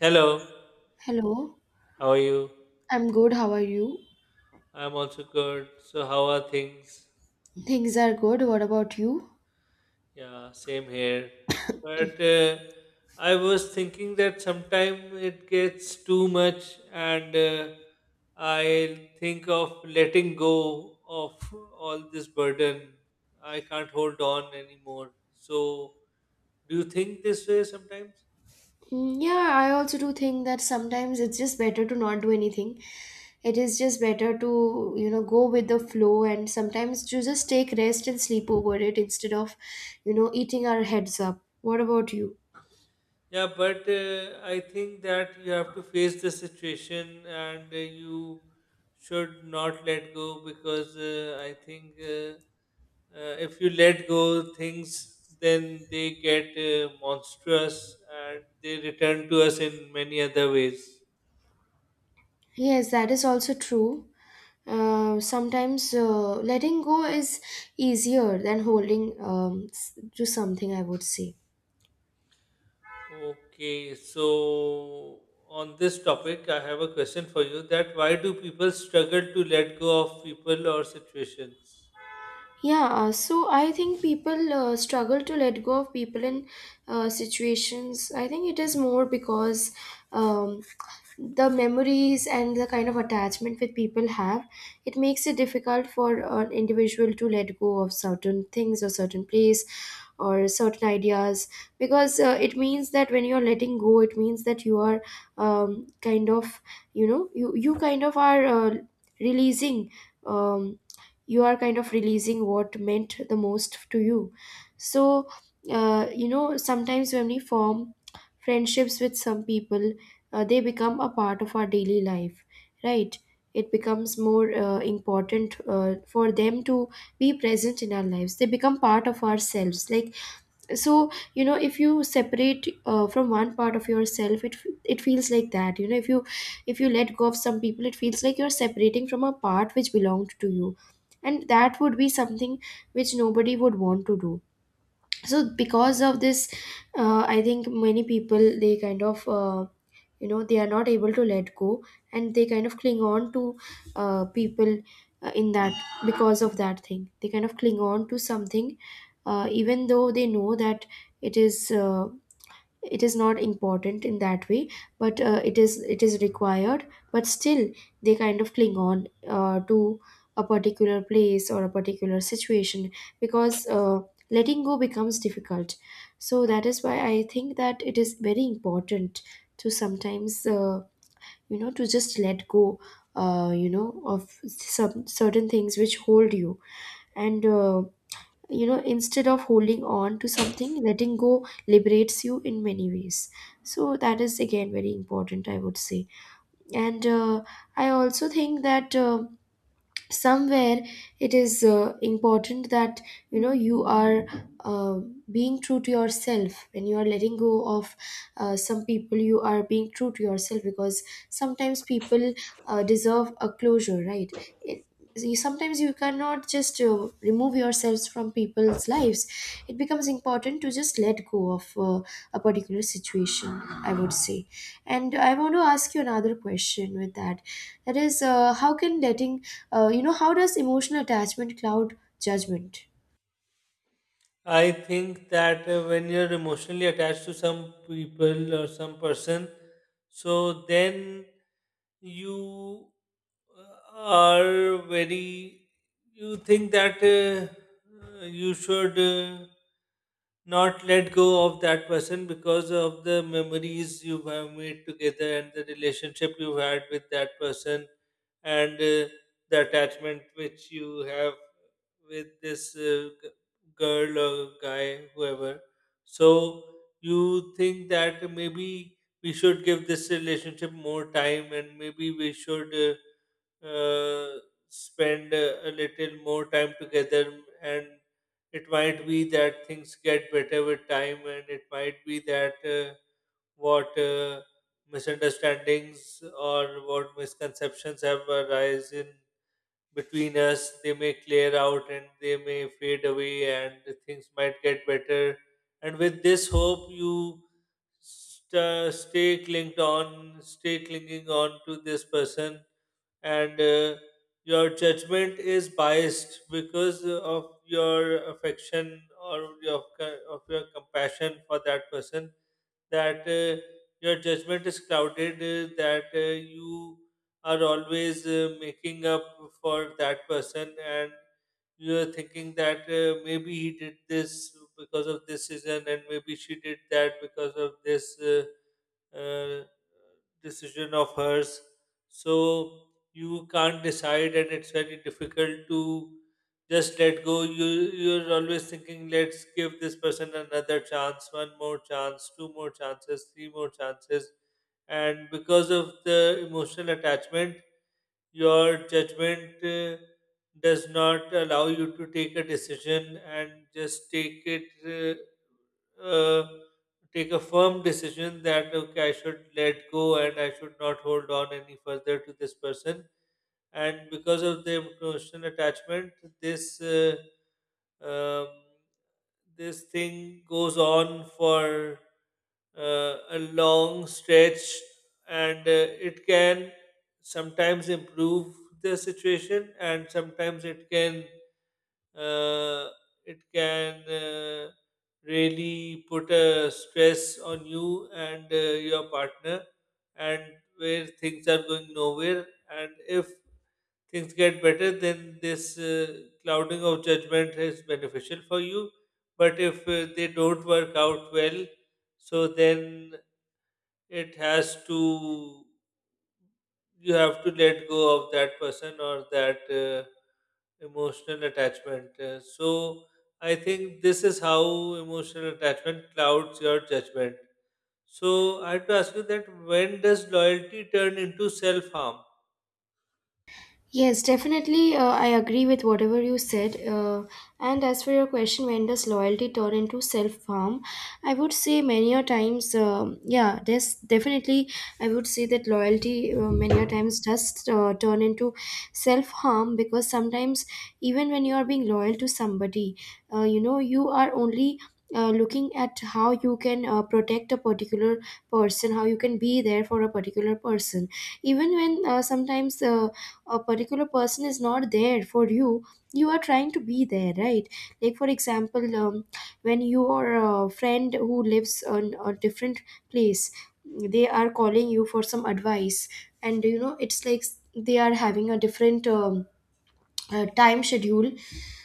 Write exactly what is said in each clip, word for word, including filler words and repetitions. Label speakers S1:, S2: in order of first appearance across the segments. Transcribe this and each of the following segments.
S1: Hello,
S2: Hello,
S1: how are you?
S2: I'm good. How are you?
S1: I'm also good. So, how are things?
S2: Things are good. What about you?
S1: Yeah, same here. But uh, I was thinking that sometimes it gets too much, and uh, I think of letting go of all this burden. I can't hold on anymore. So, do you think this way sometimes?
S2: Mm, yeah, I also do think that sometimes it's just better to not do anything. It is just better to, you know, go with the flow and sometimes to just take rest and sleep over it instead of, you know, eating our heads up. What about you?
S1: Yeah, but uh, I think that you have to face the situation and uh, you should not let go because uh, I think uh, uh, if you let go things, then they get uh, monstrous and they return to us in many other ways.
S2: Yes, that is also true. Uh, sometimes uh, letting go is easier than holding um, s- to something, I would say.
S1: Okay, so on this topic, I have a question for you that why do people struggle to let go of people or situations?
S2: Yeah, uh, so I think people uh, struggle to let go of people in uh, situations. I think it is more because um, the memories and the kind of attachment that people have, it makes it difficult for an individual to let go of certain things or certain place or certain ideas, because uh, it means that when you're letting go, it means that you are um, kind of, you know, you, you kind of are uh, releasing. Um, you are kind of releasing what meant the most to you, so uh, you know sometimes when we form friendships with some people, uh, they become a part of our daily life, right? It becomes more uh, important uh, for them to be present in our lives. They become part of ourselves, like, so you know, if you separate uh, from one part of yourself, it f- it feels like that, you know, if you if you let go of some people, it feels like you're separating from a part which belonged to you, and that would be something which nobody would want to do. So because of this, uh, I think many people, they kind of uh, you know they are not able to let go, and they kind of cling on to uh, people uh, in that. Because of that thing, they kind of cling on to something uh, even though they know that it is uh, it is not important in that way, but uh, it is it is required. But still they kind of cling on uh, to a particular place or a particular situation because uh, letting go becomes difficult. So that is why I think that it is very important to sometimes uh, you know, to just let go uh, you know, of some certain things which hold you, and uh, you know, instead of holding on to something, letting go liberates you in many ways. So that is again very important, I would say. And uh, I also think that uh, somewhere it is uh, important that, you know, you are uh, being true to yourself. When you are letting go of uh, some people, you are being true to yourself, because sometimes people uh, deserve a closure, right? It, you, sometimes you cannot just uh, remove yourselves from people's lives. It becomes important to just let go of uh, a particular situation, I would say. And I want to ask you another question with that, that is, uh, how can letting uh, you know, how does emotional attachment cloud judgment?
S1: I think that uh, when you're emotionally attached to some people or some person, so then you uh, are very, you think that uh, uh, you should uh, not let go of that person because of the memories you have made together and the relationship you had with that person and uh, the attachment which you have with this uh, girl or guy, whoever. So you think that maybe we should give this relationship more time and maybe we should uh, uh, spend a, a little more time together. And it might be that things get better with time, and it might be that uh, what uh, misunderstandings or what misconceptions have arisen between us, they may clear out and they may fade away and things might get better, and with this hope you st- stay clinged on stay clinging on to this person, and uh, your judgment is biased because of your affection or your, of your compassion for that person, that uh, your judgment is clouded, uh, that uh, you are always uh, making up for that person, and you are thinking that uh, maybe he did this because of this reason, and maybe she did that because of this. Uh, uh, Decision of hers. So you can't decide, and it's very difficult to just let go. You you're always thinking, let's give this person another chance, one more chance, two more chances, three more chances, and because of the emotional attachment, your judgment Uh, does not allow you to take a decision and just take it uh, uh, take a firm decision that okay, I should let go and I should not hold on any further to this person. And because of the emotional attachment, this uh, um, this thing goes on for uh, a long stretch, and uh, it can sometimes improve the situation and sometimes it can uh, it can uh, really put a stress on you and uh, your partner, and where things are going nowhere. And if things get better, then this uh, clouding of judgment is beneficial for you. But if uh, they don't work out well, so then it has to, you have to let go of that person or that. Uh, Emotional attachment. Uh, so I think this is how emotional attachment clouds your judgment. So I have to ask you that when does loyalty turn into self harm?
S2: Yes, definitely. Uh, I agree with whatever you said. Uh, and as for your question, when does loyalty turn into self harm? I would say many a times, um yeah, there's definitely, I would say that loyalty uh, many a times does uh, turn into self harm, because sometimes, even when you are being loyal to somebody, uh, you know, you are only uh, looking at how you can uh, protect a particular person, how you can be there for a particular person. Even when uh, sometimes uh, a particular person is not there for you, you are trying to be there, right? Like, for example, um, when your uh, friend who lives on a different place, they are calling you for some advice, and, you know, it's like they are having a different. Um, uh, time schedule,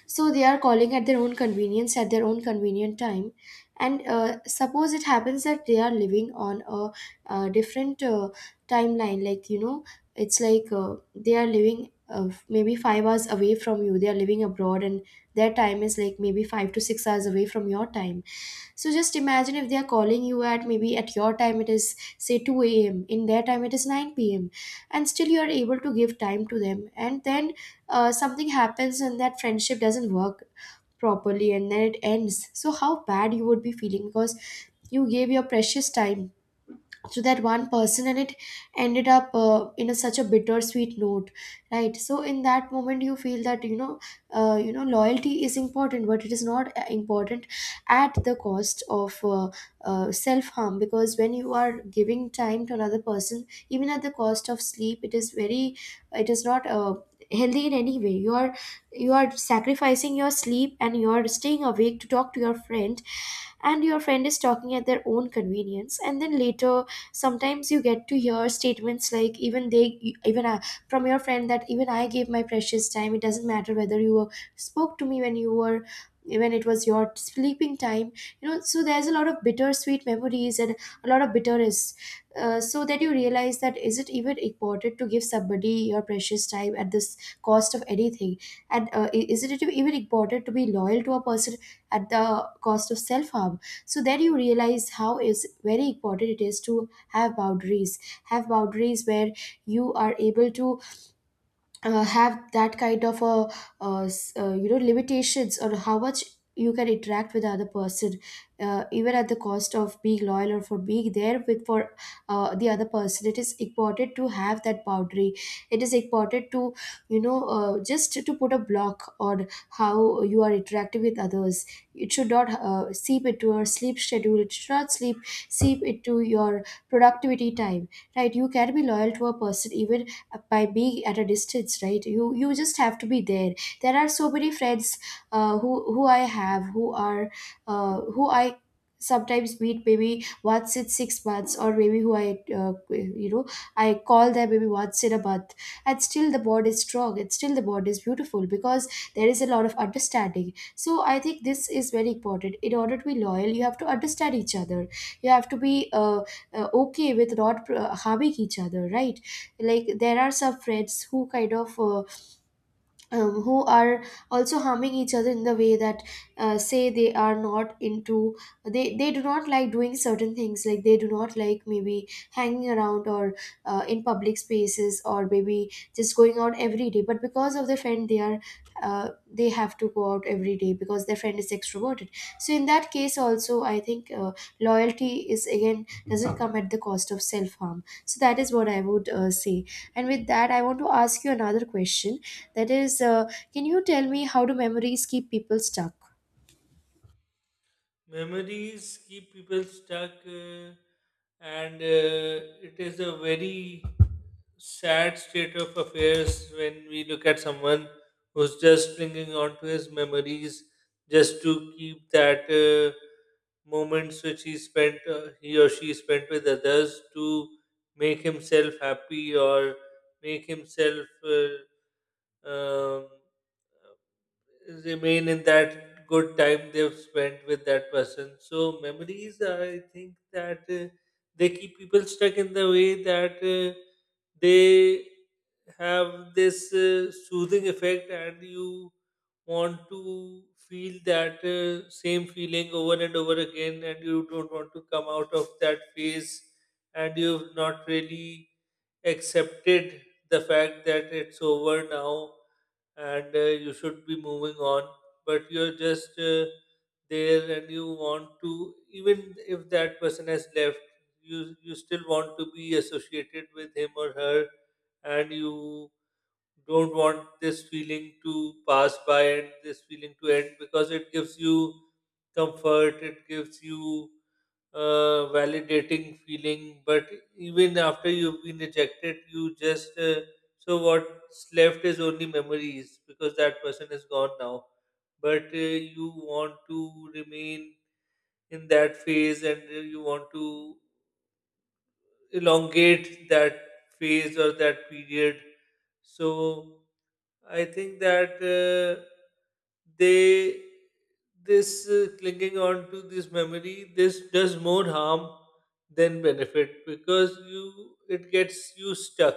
S2: so they are calling at their own convenience, at their own convenient time. And uh, suppose it happens that they are living on a, uh different uh, timeline. Like, you know, it's like uh, they are living uh, maybe five hours away from you. They are living abroad, and their time is like maybe five to six hours away from your time. So just imagine, if they are calling you at, maybe at your time it is say two a m, in their time it is nine p m, and still you are able to give time to them, and then uh, something happens and that friendship doesn't work properly and then it ends. So how bad you would be feeling, because you gave your precious time to that one person, and it ended up uh, in a, such a bittersweet note, right? So in that moment you feel that, you know, uh, you know, loyalty is important, but it is not uh, important at the cost of uh, uh, self harm. Because when you are giving time to another person even at the cost of sleep, it is very, it is not uh, healthy in any way. You are you are sacrificing your sleep and you are staying awake to talk to your friend, and your friend is talking at their own convenience, and then later sometimes you get to hear statements like, even they even I, from your friend, that even I gave my precious time, it doesn't matter whether you were, spoke to me when you were, when it was your sleeping time, you know. So there's a lot of bittersweet memories and a lot of bitterness. Uh, so that you realize, that is it even important to give somebody your precious time at this cost of anything, and uh, i- is it even important to be loyal to a person at the cost of self harm? So then you realize how is very important it is to have boundaries, have boundaries where you are able to uh, have that kind of a uh, s- uh, you know limitations on how much you can interact with the other person, uh, even at the cost of being loyal or for being there with, for uh, the other person. It is important to have that boundary. It is important to, you know, uh, just to put a block on how you are interacting with others. It should not uh, seep into your sleep schedule. It should not sleep seep into your productivity time, right? You can be loyal to a person even by being at a distance, right? you you just have to be there. There are so many friends uh, who who I have, who are uh, who I sometimes meet maybe once in six months, or maybe who I uh, you know, I call them maybe once in a month. And still the bond is strong, and still the bond is beautiful because there is a lot of understanding. So I think this is very important. In order to be loyal, you have to understand each other. You have to be uh, uh, okay with not uh, harming each other, right? Like, there are some friends who kind of uh, um, who are also harming each other in the way that, uh, say, they are not into, they they do not like doing certain things. Like, they do not like maybe hanging around or uh, in public spaces, or maybe just going out every day, but because of their friend they are uh, they have to go out every day because their friend is extroverted. So in that case also, I think uh, loyalty is again doesn't come at the cost of self harm. So that is what I would uh, say. And with that, I want to ask you another question, that is, uh, can you tell me how do memories keep people stuck?
S1: Memories keep people stuck, uh, and uh, it is a very sad state of affairs when we look at someone who's just clinging on to his memories, just to keep that uh, moments which he spent, uh, he or she spent with others to make himself happy or make himself Uh, um, remain in that good time they've spent with that person. So memories, I think that uh, they keep people stuck in the way that uh, they have this uh, soothing effect, and you want to feel that uh, same feeling over and over again, and you don't want to come out of that phase, and you've not really accepted the fact that it's over now, and uh, you should be moving on, but you're just uh, there, and you want to, even if that person has left you you still want to be associated with him or her, and you don't want this feeling to pass by and this feeling to end because it gives you comfort, it gives you uh, validating feeling, but even after you've been rejected, you just uh, so what's left is only memories because that person is gone now. But uh, you want to remain in that phase and you want to elongate that phase or that period. So I think that uh, they this uh, clinging on to this memory, this does more harm than benefit because you it gets you stuck,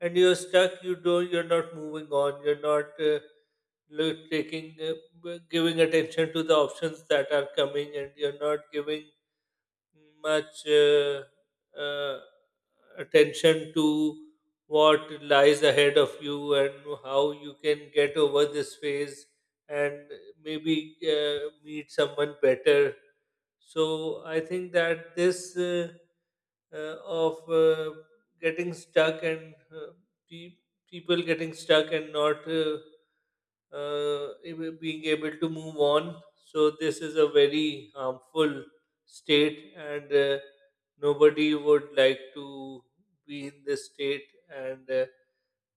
S1: and you're stuck, you don't, you're not moving on, you're not uh, lo- taking uh, b- giving attention to the options that are coming, and you're not giving much uh, uh, attention to what lies ahead of you and how you can get over this phase and maybe uh, meet someone better. So I think that this uh, uh, of uh, getting stuck and uh, pe- people getting stuck and not uh, uh, ab- being able to move on. So this is a very harmful state, and uh, nobody would like to be in this state, and uh,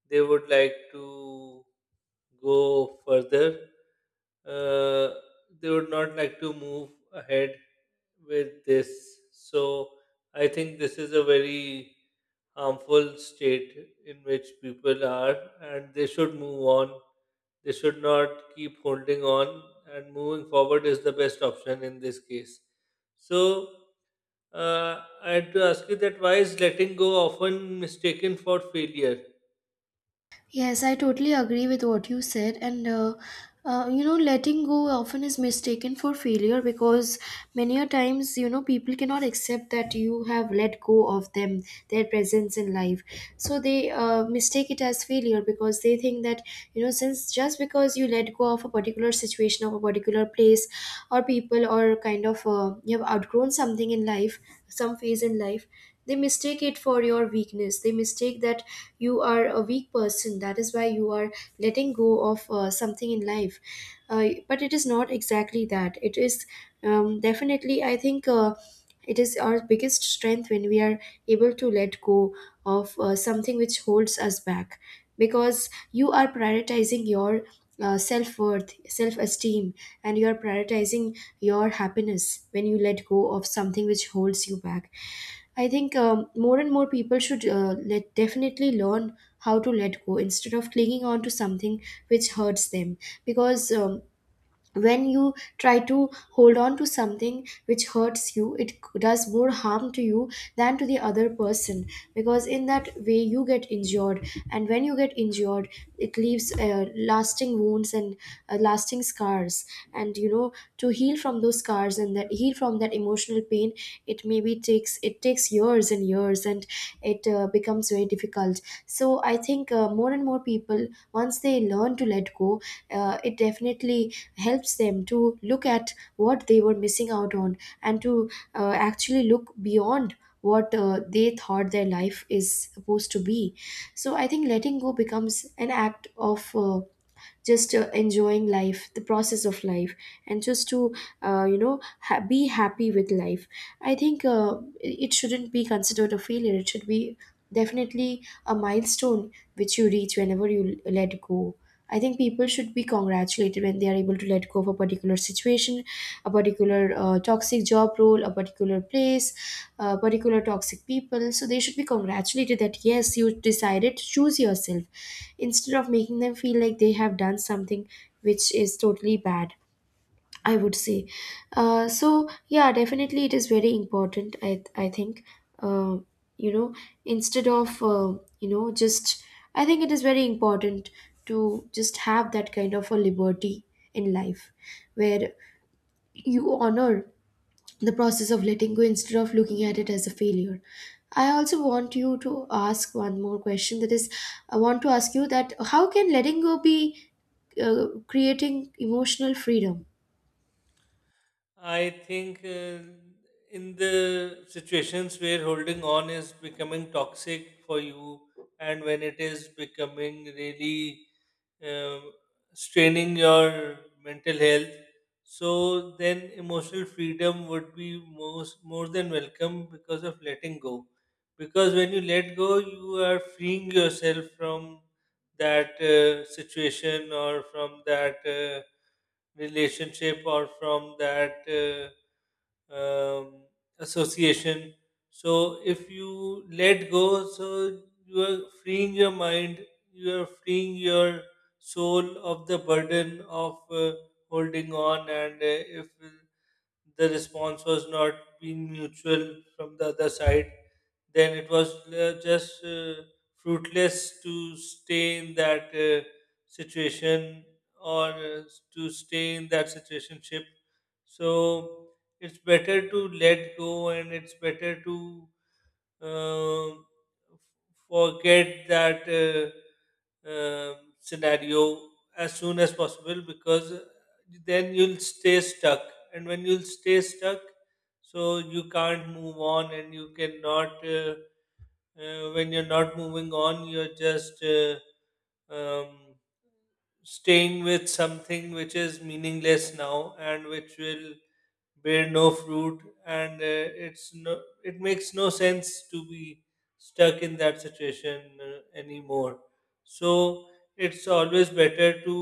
S1: they would like to go further. Uh, they would not like to move ahead with this. So I think this is a very harmful state in which people are, and they should move on, they should not keep holding on, and moving forward is the best option in this case. So, uh, I had to ask you that why is letting go often mistaken for failure?
S2: Yes, I totally agree with what you said. And, uh, uh, you know, letting go often is mistaken for failure because many a times, you know, people cannot accept that you have let go of them, their presence in life. So they uh, mistake it as failure because they think that, you know, since just because you let go of a particular situation, of a particular place or people, or kind of uh, you have outgrown something in life, some phase in life. They mistake it for your weakness. They mistake that you are a weak person, that is why you are letting go of uh, something in life. Uh, but it is not exactly that. It is um, definitely, I think, uh, it is our biggest strength when we are able to let go of uh, something which holds us back, because you are prioritizing your uh, self worth, self esteem, and you are prioritizing your happiness when you let go of something which holds you back. I think um, more and more people should uh, let definitely learn how to let go instead of clinging on to something which hurts them, because um, when you try to hold on to something which hurts you, it c- does more harm to you than to the other person, because in that way you get injured. And when you get injured, it leaves uh, lasting wounds and uh, lasting scars. And you know, to heal from those scars and that heal from that emotional pain, it maybe takes, it takes years and years, and it uh, becomes very difficult. So I think uh, more and more people, once they learn to let go, uh, it definitely helps them to look at what they were missing out on, and to uh, actually look beyond what uh, they thought their life is supposed to be. So I think letting go becomes an act of uh, just uh, enjoying life, the process of life, and just to uh, you know ha- be happy with life. I think uh, it shouldn't be considered a failure. It should be definitely a milestone which you reach whenever you l- let go. I think people should be congratulated when they are able to let go of a particular situation, a particular uh, toxic job role, a particular place, uh, particular toxic people. So they should be congratulated that yes, you decided to choose yourself, instead of making them feel like they have done something which is totally bad, I would say. Uh, so yeah, definitely it is very important. I i think uh, you know, instead of uh, you know, just, I think it is very important to just have that kind of a liberty in life, where you honor the process of letting go instead of looking at it as a failure. I also want you to ask one more question, that is, I want to ask you that how can letting go be uh, creating emotional freedom?
S1: I think uh, in the situations where holding on is becoming toxic for you, and when it is becoming really uh, straining your mental health. So then emotional freedom would be most more than welcome because of letting go. Because when you let go, you are freeing yourself from that uh, situation or from that uh, relationship or from that uh, um, association. So if you let go, so you are freeing your mind, you are freeing your soul of the burden of uh, holding on, and uh, if the response was not being mutual from the other side, then it was uh, just uh, fruitless to stay in that uh, situation or uh, to stay in that situationship. So it's better to let go and it's better to uh, forget that uh, um scenario as soon as possible, because then you'll stay stuck. And when you'll stay stuck, so you can't move on and you cannot. Uh, uh, when you're not moving on, you're just uh, um, staying with something which is meaningless now and which will bear no fruit, and uh, it's no, it makes no sense to be stuck in that situation uh, anymore. So it's always better to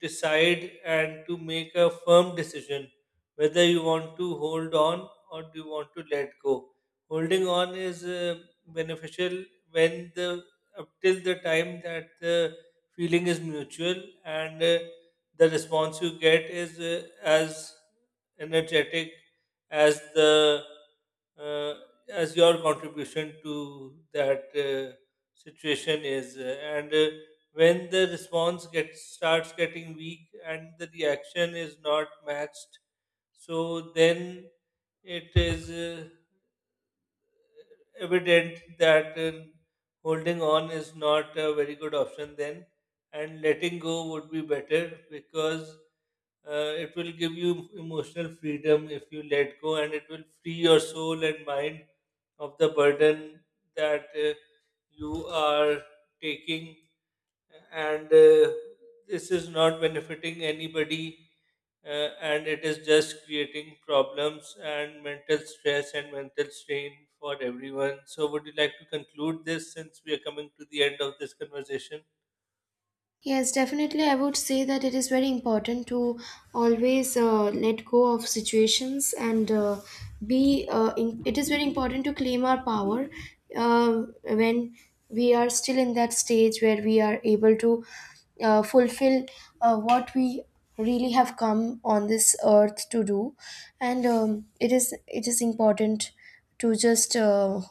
S1: decide and to make a firm decision whether you want to hold on or do you want to let go. Holding on is uh, beneficial when the, up till the time that the feeling is mutual, and uh, the response you get is uh, as energetic as the uh, as your contribution to that uh, situation is, and uh, when the response gets starts getting weak and the reaction is not matched, so then it is uh, evident that uh, holding on is not a very good option then, and letting go would be better because uh, it will give you emotional freedom if you let go, and it will free your soul and mind of the burden that uh, you are taking, and uh, this is not benefiting anybody, uh, and it is just creating problems and mental stress and mental strain for everyone. So would you like to conclude this since we are coming to the end of this conversation?
S2: Yes, definitely. I would say that it is very important to always uh, let go of situations, and uh, be. Uh, in, it is very important to claim our power uh, when we are still in that stage where we are able to uh, fulfill uh, what we really have come on this earth to do, and um, it is it is important to just. Uh,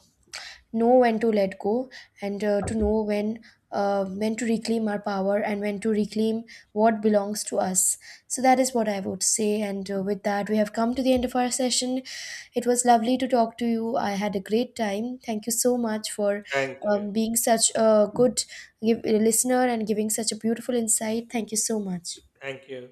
S2: Know when to let go, and uh, to know when uh, when to reclaim our power and when to reclaim what belongs to us. So that is what I would say, and uh, with that, we have come to the end of our session. It was lovely to talk to you. I had a great time. Thank you so much for
S1: Thank you.
S2: um, being such a good give, listener and giving such a beautiful insight. Thank you so much.
S1: Thank you.